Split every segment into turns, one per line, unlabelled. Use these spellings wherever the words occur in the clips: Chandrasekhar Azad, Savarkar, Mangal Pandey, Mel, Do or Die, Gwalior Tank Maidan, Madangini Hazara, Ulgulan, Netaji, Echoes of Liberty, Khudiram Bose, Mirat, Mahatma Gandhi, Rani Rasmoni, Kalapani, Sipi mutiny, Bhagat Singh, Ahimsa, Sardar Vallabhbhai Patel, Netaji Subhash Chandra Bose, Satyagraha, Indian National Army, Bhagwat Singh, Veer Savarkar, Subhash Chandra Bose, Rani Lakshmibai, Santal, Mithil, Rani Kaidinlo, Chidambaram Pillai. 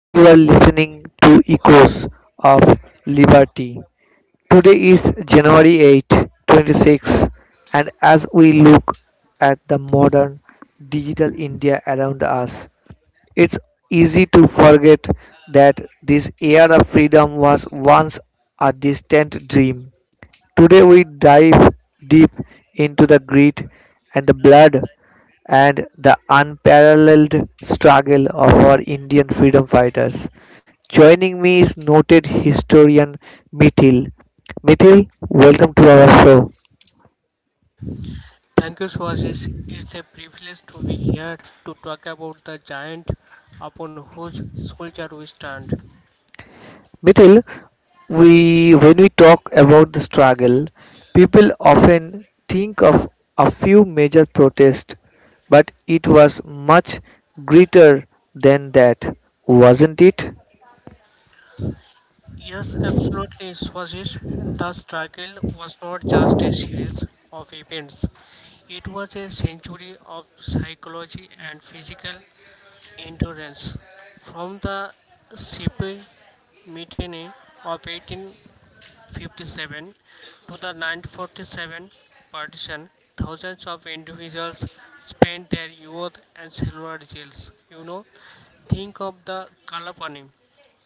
and you are listening to Echoes of Liberty. Today is January 8, 26 and as we look at the modern digital India around us, it's easy to forget that this era of freedom was once a distant dream. Today we dive deep into the grit and the blood and the unparalleled struggle of our Indian freedom fighters. Joining me is noted historian Mithil. Mithil, welcome to our show.
Thank you, Swashish. It's a privilege to be here to talk about the giant upon whose soldier we stand.
Mithil, we when we talk about the struggle, people often think of a few major protests, but it was much greater than that, wasn't it?
Yes, absolutely, Swashish. The struggle was not just a series of events, it was a century of psychology and physical endurance. From the Sipi mutiny of 1857 to the 1947 partition, thousands of individuals spent their youth and silver jails. Think of the Kalapani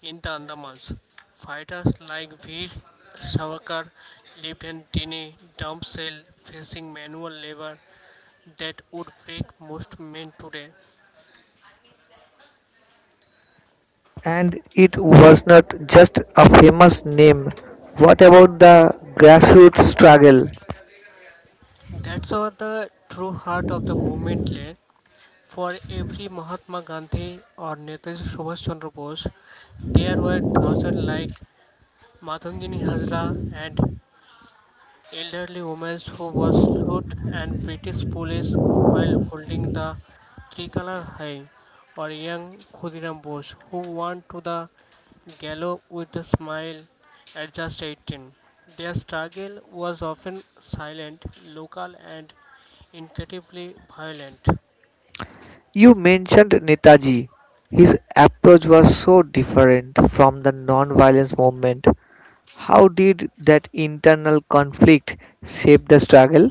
in the Andamans. Fighters like Veer Savarkar lived in tiny dump cells, facing manual labor that would break most men today.
And it was not just a famous name. What about the grassroots struggle?
That's all the true heart of the movement lay. For every Mahatma Gandhi or Netaji Subhash Chandra Bose, there were thousands like Madangini Hazara and elderly woman who was shot and British police while holding the tricolor high, or young Khudiram Bose who went to the gallows with a smile at just 18. Their struggle was often silent, local, and incredibly violent.
You mentioned Netaji. His approach was so different from the non-violence movement. How did that internal conflict shape the struggle?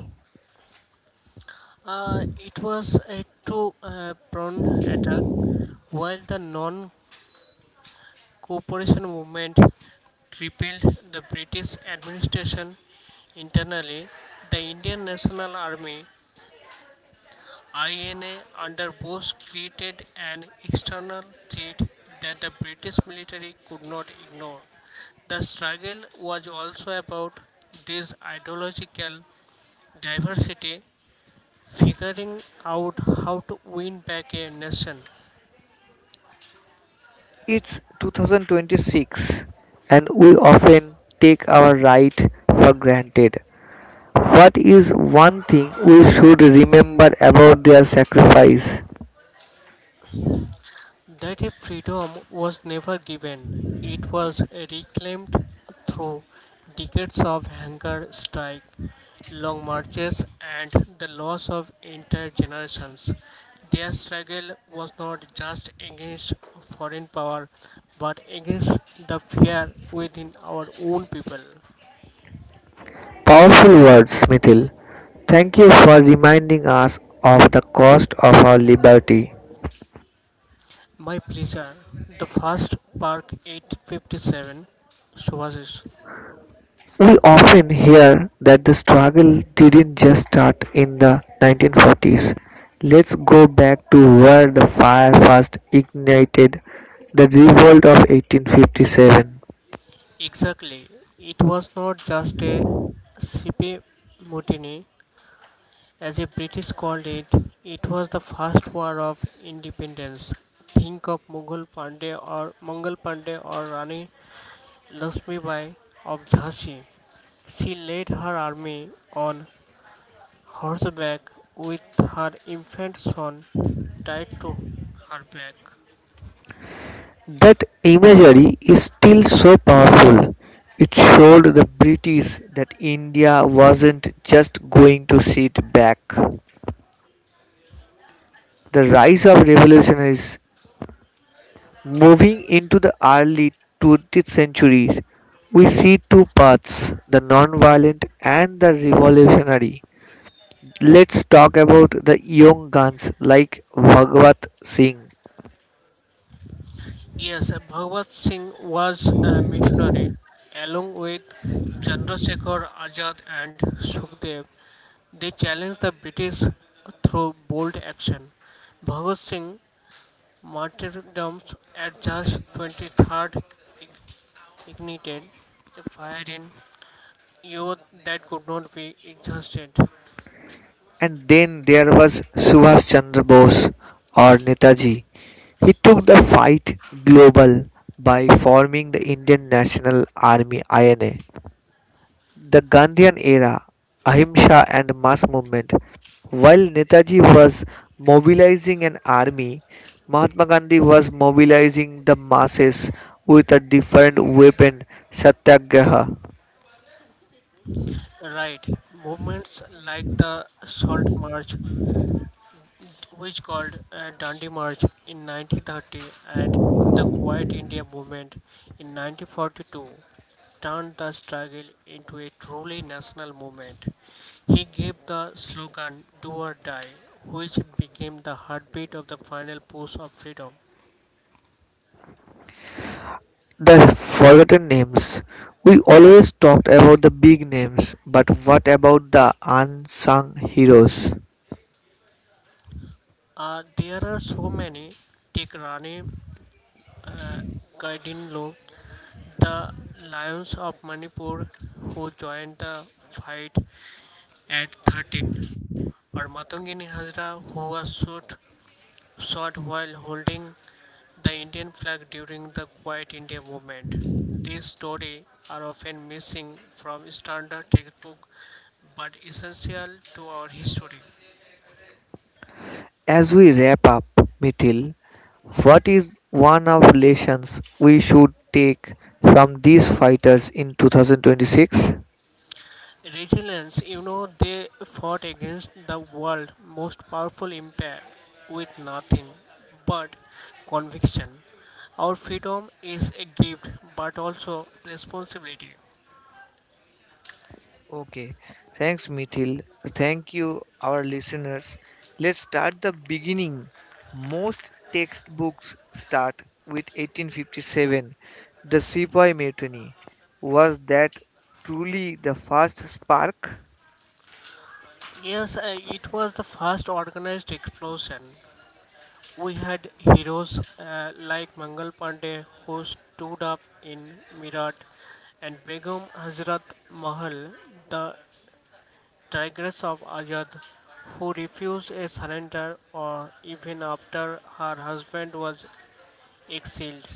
It was a two prone attack, while the non Cooperation movement repelled the British administration internally. The Indian National Army INA under Bose created an external threat that the British military could not ignore. The struggle was also about this ideological diversity, figuring out how to win back a nation.
It's 2026 and we often take our right for granted. What is one thing we should remember about their sacrifice?
That a freedom was never given, it was reclaimed through decades of hunger strike, long marches, and the loss of entire generations. Their struggle was not just against foreign power but against the fear within our own people.
Powerful words, Mithil. Thank you for reminding us of the cost of our liberty.
My pleasure, the first park 857, Suvasis.
We often hear that the struggle didn't just start in the 1940s. Let's go back to where the fire first ignited the revolt of 1857.
Exactly. It was not just a sippy mutiny, as the British called it, it was the first war of independence. Think of Mughal Pandey or Mangal Pandey or Rani Lakshmibai of Jhansi. She led her army on horseback with her infant son tied to her back.
That imagery is still so powerful. It showed the British that India wasn't just going to sit back. The rise of revolutionaries moving into the early 20th centuries, we see two paths, the non-violent and the revolutionary. Let's talk about the young guns like Bhagwat Singh.
Yes, Bhagwat Singh was a missionary along with Chandrasekhar Azad and Sukhdev. They challenged the British through bold action. Bhagwat Singh martyrdoms at just 23rd ignited a fire in youth that could not be exhausted.
And then there was Subhash Chandra Bose or Netaji. He took the fight global by forming the Indian National Army, INA. The Gandhian era, Ahimsa and mass movement. While Netaji was mobilizing an army, Mahatma Gandhi was mobilizing the masses with a different weapon, Satyagraha.
Right, movements like the Salt March which called a Dandi March in 1930 and the Quiet India Movement in 1942 turned the struggle into a truly national movement. He gave the slogan Do or Die, which became the heartbeat of the final push of freedom.
The forgotten names. We always talked about the big names, but what about the unsung heroes?
There are so many. Take Rani Kaidinlo, the Lions of Manipur, who joined the fight at 13. Armatongini Hazra, who was shot while holding the Indian flag during the Quiet India movement. These stories are often missing from standard textbooks, but essential to our history.
As we wrap up, Mithil, what is one of lessons we should take from these fighters in 2026?
Resilience, they fought against the world's most powerful empire with nothing but conviction. Our freedom is a gift but also responsibility.
Okay, thanks Mithil. Thank you our listeners. Let's start the beginning. Most textbooks start with 1857. The Sepoy Mutiny. Was that truly the first spark?
Yes, it was the first organized explosion. We had heroes like Mangal Pandey who stood up in Mirat and Begum Hazrat Mahal, the tigress of Azad, who refused a surrender or even after her husband was exiled.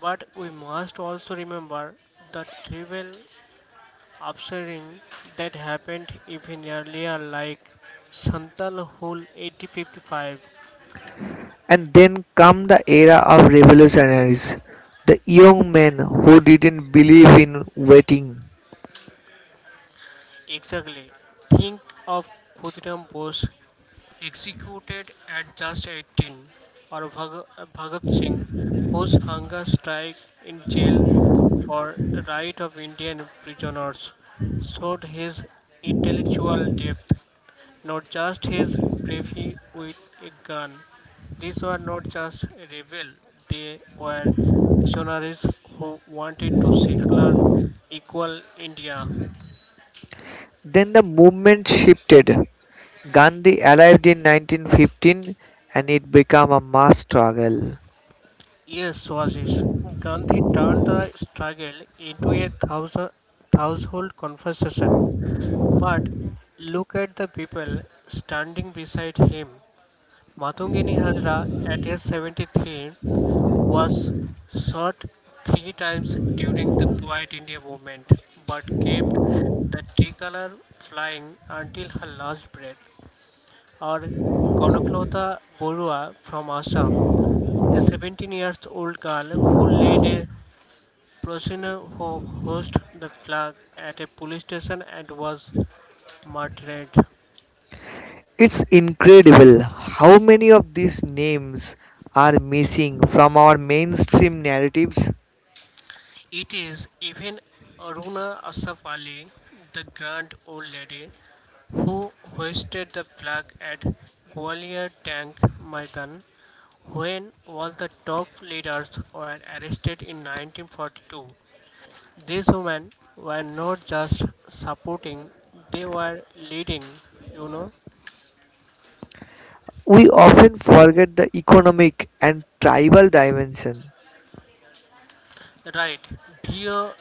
But we must also remember the trivial Observing that happened even earlier, like Santal Hul 1855.
And then come the era of revolutionaries, the young men who didn't believe in waiting.
Exactly. Think of Khudiram Bose executed at just 18, or Bhagat Singh, whose hunger strike in jail for right of Indian prisoners showed his intellectual depth, not just his bravery with a gun. These were not just rebels; they were missionaries who wanted to secular equal India.
Then the movement shifted. Gandhi arrived in 1915 and it became a mass struggle.
Yes, Swazis. Gandhi turned the struggle into a thousand, household conversation. But look at the people standing beside him. Matungini Hazra, at age 73, was shot three times during the Quiet India movement, but kept the tricolor flying until her last breath, or Konuklota Borua from Assam, a 17 years old girl who led a procession who hoisted the flag at a police station and was martyred.
It's incredible how many of these names are missing from our mainstream narratives.
It is even Aruna Asaf Ali, the grand old lady, who hoisted the flag at Gwalior Tank Maidan when all the top leaders were arrested in 1942. These women were not just supporting, they were leading, you know.
We often forget the economic and tribal dimension.
Right. Here,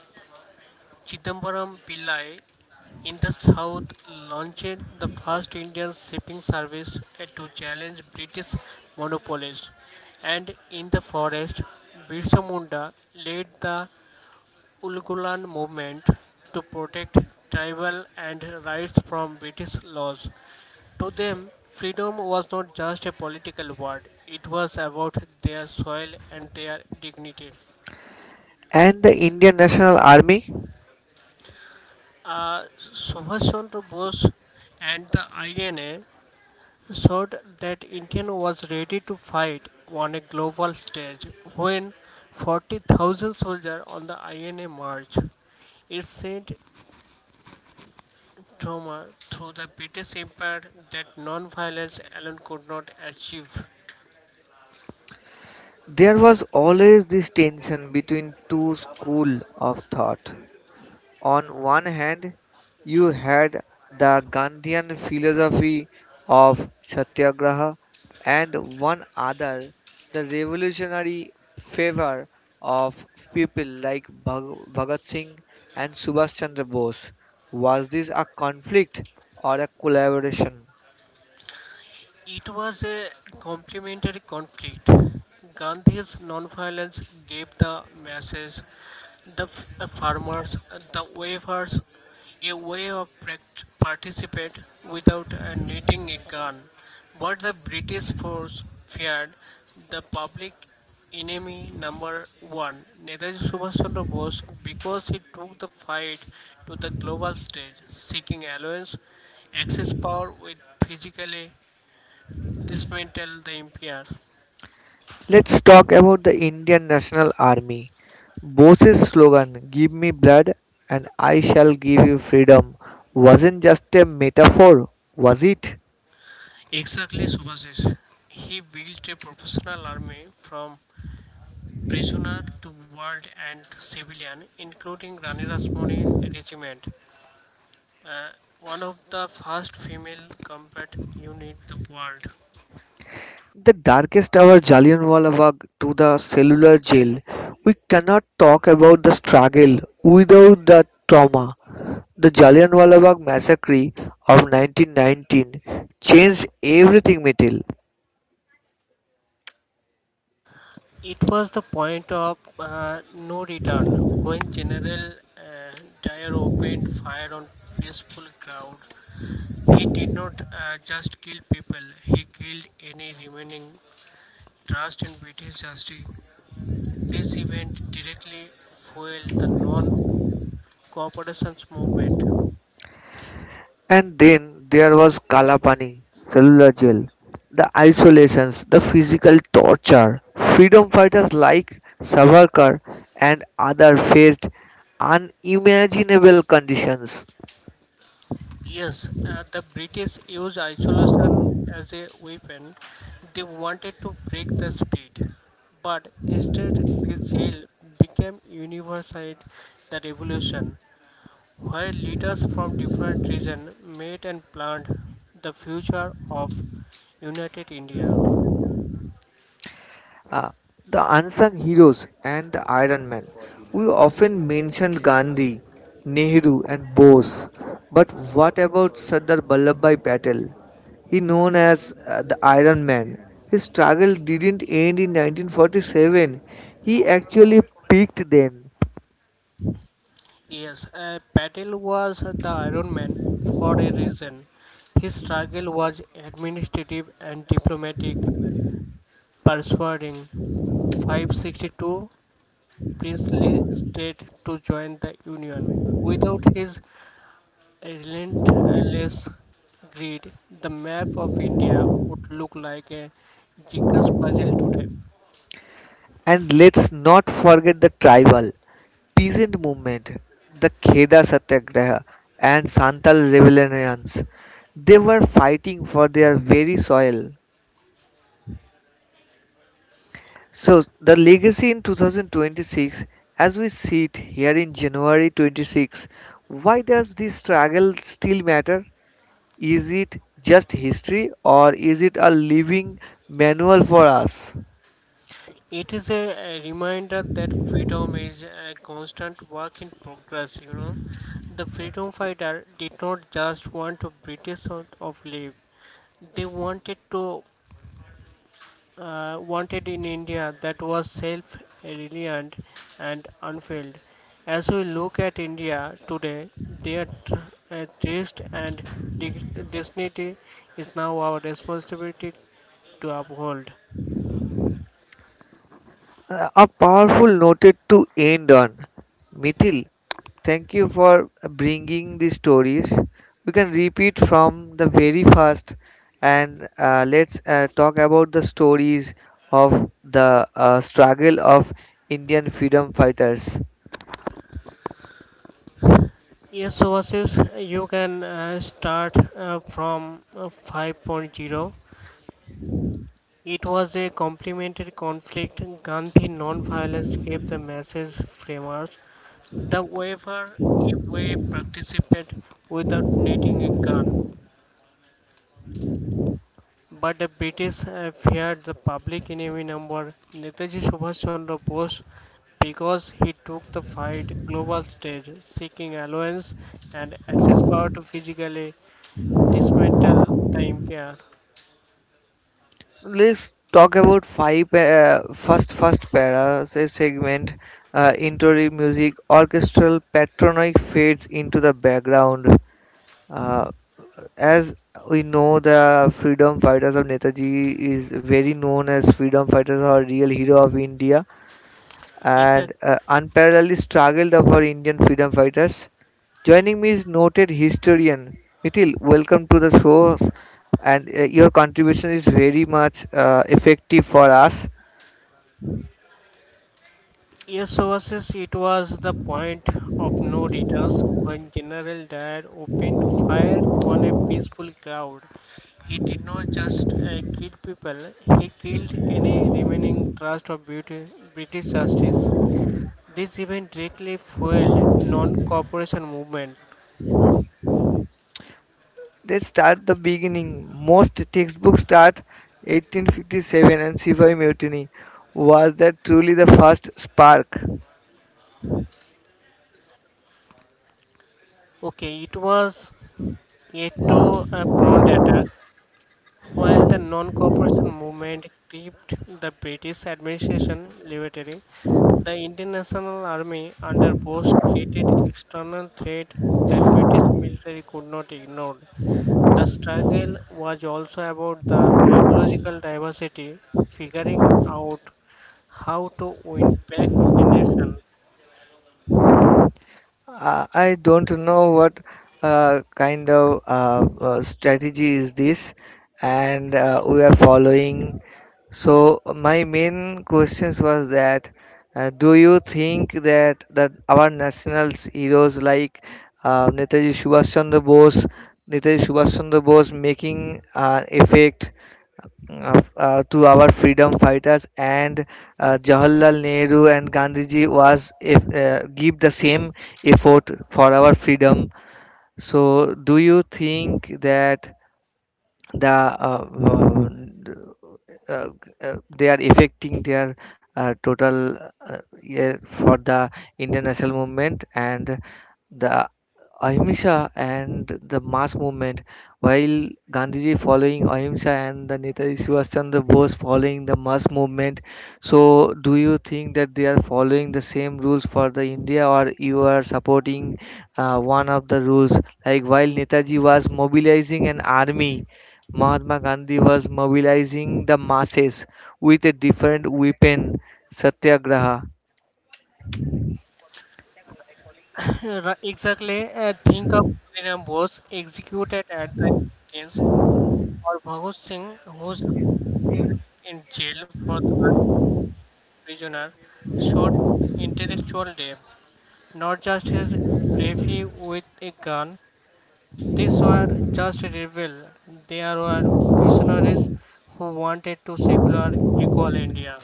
Chidambaram Pillai in the south launched the first Indian shipping service to challenge British monopolies. And in the forest, Birsa Munda led the Ulgulan movement to protect tribal and rights from British laws. To them, freedom was not just a political word, it was about their soil and their dignity.
And the Indian National Army.
Subhash Chandra Bose and the INA showed that India was ready to fight on a global stage when 40,000 soldiers on the INA march. It sent trauma through the British Empire that non-violence alone could not achieve.
There was always this tension between two schools of thought. On one hand, you had the Gandhian philosophy of Satyagraha, and one other, the revolutionary fervor of people like Bhagat Singh and Subhash Chandra Bose. Was this a conflict or a collaboration?
It was a complementary conflict. Gandhi's nonviolence gave the masses, the farmers, the wavers, a way of participate without needing a gun. But the British force feared the public enemy number one, Netaji Subhash Chandra Bose, because he took the fight to the global stage, seeking alliance, access power with physically this man tell the MPR.
Let's talk about the Indian National Army. Bose's slogan, Give me blood and I shall give you freedom, wasn't just a metaphor, was it?
Exactly, Subhasis. He built a professional army from prisoner to world and civilian, including Rani Rasmoni regiment, one of the first female combat unit in the world.
The darkest hour, Jallianwala Bagh to the cellular jail. We cannot talk about the struggle without the trauma. The Jallianwala Bagh massacre of 1919 changed everything, Mithil.
It was the point of no return when General Dyer opened fire on peaceful crowd. He did not just kill people; he killed any remaining trust in British justice. This event directly fueled the non cooperation movement.
And then there was Kalapani, cellular jail, the isolations, the physical torture. Freedom fighters like Savarkar and others faced unimaginable conditions.
Yes, the British used isolation as a weapon. They wanted to break the spirit, but instead, this jail became universal the revolution, where leaders from different regions met and planned the future of united India.
Uh, the unsung heroes and the Iron Man. We often mentioned Gandhi, Nehru, and Bose, but what about Sardar Vallabhbhai Patel? He known as the Iron Man. His struggle didn't end in 1947. He actually peaked then.
Yes, Patel was the Iron Man for a reason. His struggle was administrative and diplomatic, persuading 562 princely state to join the Union. Without his relentless greed, the map of India would look like a jigsaw puzzle today.
And let's not forget the tribal peasant movement, the Kheda Satyagraha and Santal rebellions. They were fighting for their very soil. So the legacy in 2026, as we see it here in January 26, why does this struggle still matter? Is it just history or is it a living manual for us?
It is a reminder that freedom is a constant work in progress, The freedom fighter did not just want to British out of live. They wanted to wanted in India that was self-reliant and unfailed. As we look at India today, their taste and dig- dignity is now our responsibility to uphold.
A powerful noted to end on. Mithil, thank you for bringing these stories. We can repeat from the very first, and let's talk about the stories of the struggle of Indian freedom fighters.
Yes, versus you can start from 5.0. It was a complementary conflict. Gandhi non-violence gave the message framers the waiver a way participate without needing a gun. But the British feared the public enemy number Netaji Subhash Chandra Bose because he took the fight global stage, seeking alliance and access power to physically dismantle the empire.
Let's talk about five first para say segment. Intro music, orchestral patronic fades into the background. Uh, As we know, the freedom fighters of Netaji is very known as freedom fighters or real hero of India
Exact.
and unparalleled struggle of our Indian freedom fighters. Joining me is noted historian Mithil. Welcome to the show, and your contribution is very much effective for us.
Yes, overseas it was the point of no returns when General Dyer opened fire on a peaceful crowd. He did not just kill people, he killed any remaining trust of British justice. This event directly fueled non-cooperation movement.
Let's start the beginning. Most textbooks start 1857 and Sivaji Mutiny. Was that truly the first spark?
Okay, it was a two-pronged attack. While the non-cooperation movement kept the British administration levity, the Indian National Army under Bose created external threat that British military could not ignore. The struggle was also about the ideological diversity, figuring out how to win back a nation.
I don't know what kind of strategy is this, and we are following. So my main questions was that do you think that our national heroes like uh, Netaji Subhash Chandra Bose, Netaji Subhash Chandra Bose making effect to our freedom fighters and Jawaharlal Nehru and Gandhiji was if, give the same effort for our freedom. So, do you think that the uh, they are affecting their total, yeah, for the international movement and the ahimsa and the mass movement, while Gandhiji following ahimsa and the Netaji Subhash Chandra Bose following the mass movement? So do you think that they are following the same rules for the India, or you are supporting one of the rules, like while Netaji was mobilizing an army, Mahatma Gandhi was mobilizing the masses with a different weapon, Satyagraha.
Exactly. Think of William Bose executed at the Indians or Bhagat Singh, who's in jail for the prisoner, showed intellectual depth, not just his bravery with a gun. These were just rebel. They were visionaries who wanted to secular equal India.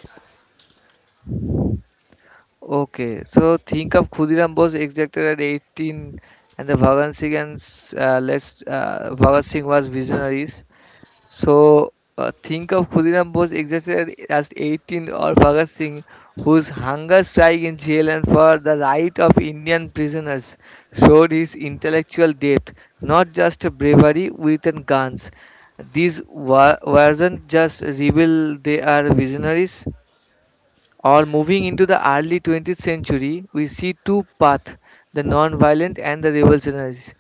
Okay, so think of Khudiram Bose executed at 18, and the Bhagat Singh and s- let's Bhagat Singh was visionaries. So think of Khudiram Bose executed as 18th or Bhagat Singh, whose hunger strike in jail and for the right of Indian prisoners showed his intellectual depth, not just bravery with guns. These weren't just rebel; they are visionaries. Or moving into the early 20th century, we see two paths: the non-violent and the revolutionaries.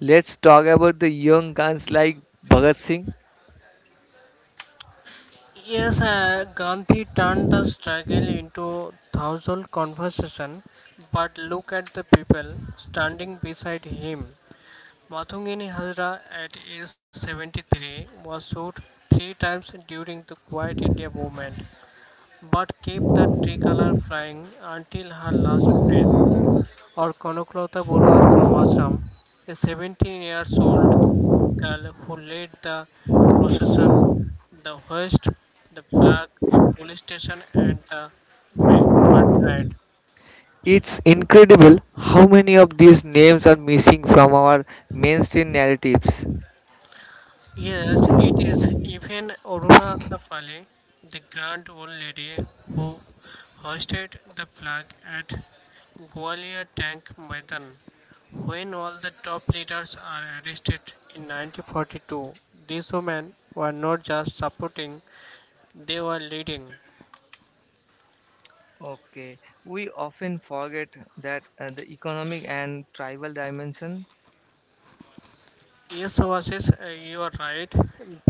Let's talk about the young guns like Bhagat Singh.
Yes, Gandhi turned the struggle into thousand conversation, but look at the people standing beside him. Mathungini Hazara, at age 73, was shot three times during the Quiet India movement, but kept the tricolor flying until her last breath, or Kanuklauta Borua from Assam, a 17 years old girl who led the procession, the hoist, the flag, a police station, and the ma- mud ride.
It's incredible how many of these names are missing from our mainstream narratives.
Yes, it is even Aruna Safali, the grand old lady who hoisted the flag at Gwalior Tank Maidan. When all the top leaders are arrested in 1942, these women were not just supporting, they were leading.
Okay, we often forget that the economic and tribal dimension.
Yes, Oasis, you are right.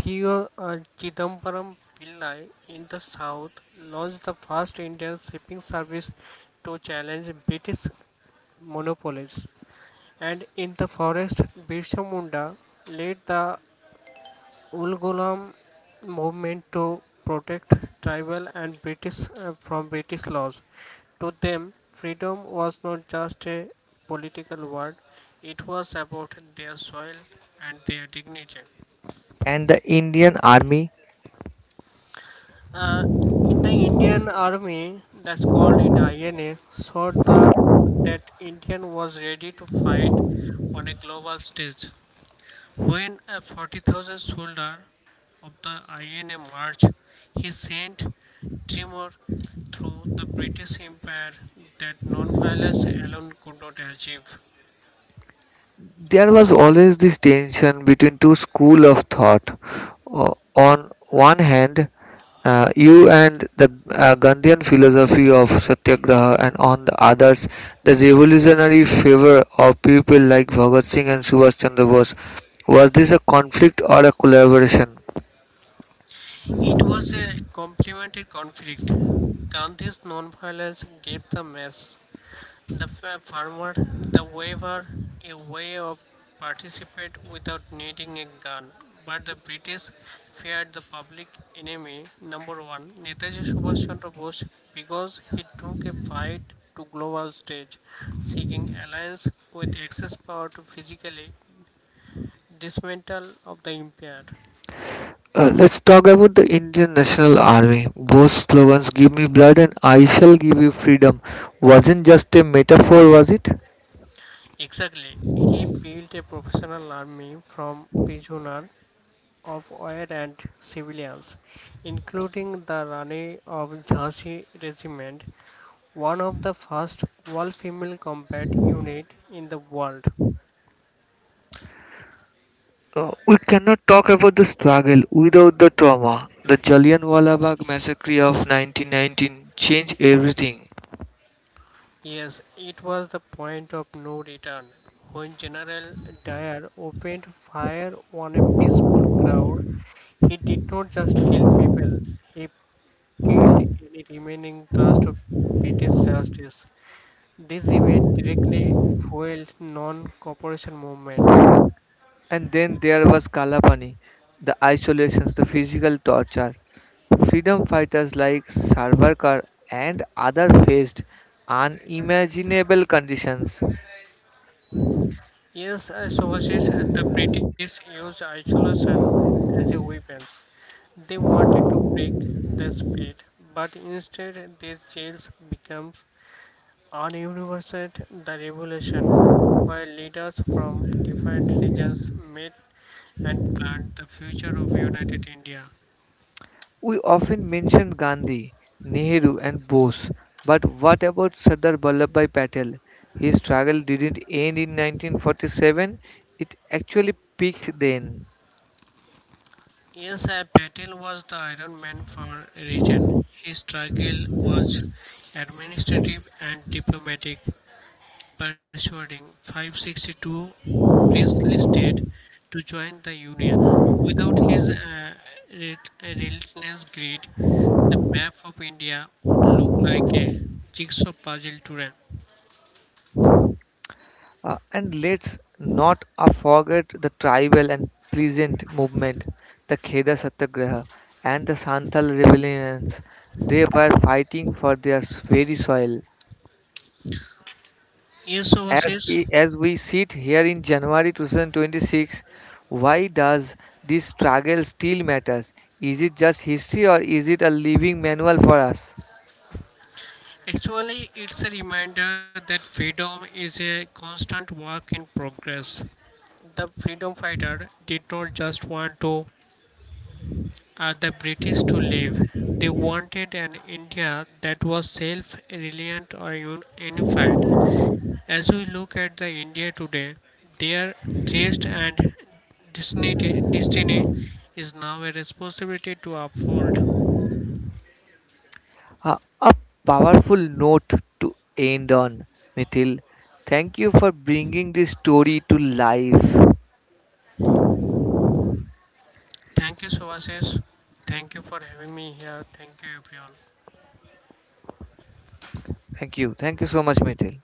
Theo Chidambaram Pillai in the south launched the first Indian shipping service to challenge British monopolies. And in the forest, Birsa Munda led the Ulgulam movement to protect tribal and British from British laws. To them, freedom was not just a political word, it was about their soil and their dignity.
And the Indian Army.
Uh, in the Indian army, that's called in INA, showed that Indian was ready to fight on a global stage. When a 40,000 soldier of the INA march, he sent tremor through the British Empire that non-violence alone could not achieve.
There was always this tension between two schools of thought. On one hand, you and the Gandhian philosophy of Satyagraha, and on the others, the revolutionary fervor of people like Bhagat Singh and Subhash Chandra Bose. Was this a conflict or a collaboration?
It was a complementary conflict. Gandhi's non-violence gave the mess. The farmer, the waiver, a way of participate without needing a gun. But the British feared the public enemy number one, Netaji Subhash Chandra Bose, because he took a fight to global stage, seeking alliance with excess power to physically dismantle of the empire.
Let's talk about the Indian National Army. Both slogans, Give me blood and I shall give you freedom, wasn't just a metaphor, was it?
Exactly, he built a professional army from prisoner of air and civilians, including the Rani of Jhansi Regiment, one of the first all female combat unit in the world.
We cannot talk about the struggle without the trauma. The Jallianwala Bagh massacre of 1919 changed everything.
Yes, it was the point of no return when General Dyer opened fire on a peaceful crowd. He did not just kill people, he killed any remaining trust of British justice. This event directly fueled non-cooperation movement.
And then there was Kalapani, the isolations, the physical torture. Freedom fighters like Sarvarkar and others faced unimaginable conditions.
Yes, as overseas, the British used isolation as a weapon. They wanted to break the spirit, but instead these jails became an universal the revolution, where leaders from different regions met and planned the future of united India.
We often mention Gandhi, Nehru, and Bose, but what about Sardar Vallabhbhai Patel? His struggle didn't end in 1947, it actually peaked then.
Yes, a battle was the Iron Man for region. His struggle was administrative and diplomatic, persuading 562 princely state to join the Union. Without his relentless greed, the map of India would look like a jigsaw puzzle today.
And let's not forget the tribal and peasant movement, the Kheda Satyagraha and the Santal rebellions. They were fighting for their very soil.
Yes,
as
overseas.
i- as we sit here in January 2026, why does this struggle still matters? Is it just history or is it a living manual for us?
Actually, it's a reminder that freedom is a constant work in progress. The freedom fighter did not just want to the British to leave. They wanted an India that was self reliant or unified. As we look at the India today, their thirst and destiny, destiny is now a responsibility to uphold.
A powerful note to end on, Mithil. Thank you for bringing this story to life.
Thank you, Sovasis. Thank you for having me here. Thank you, everyone.
Thank you. Thank you so much, Mithil.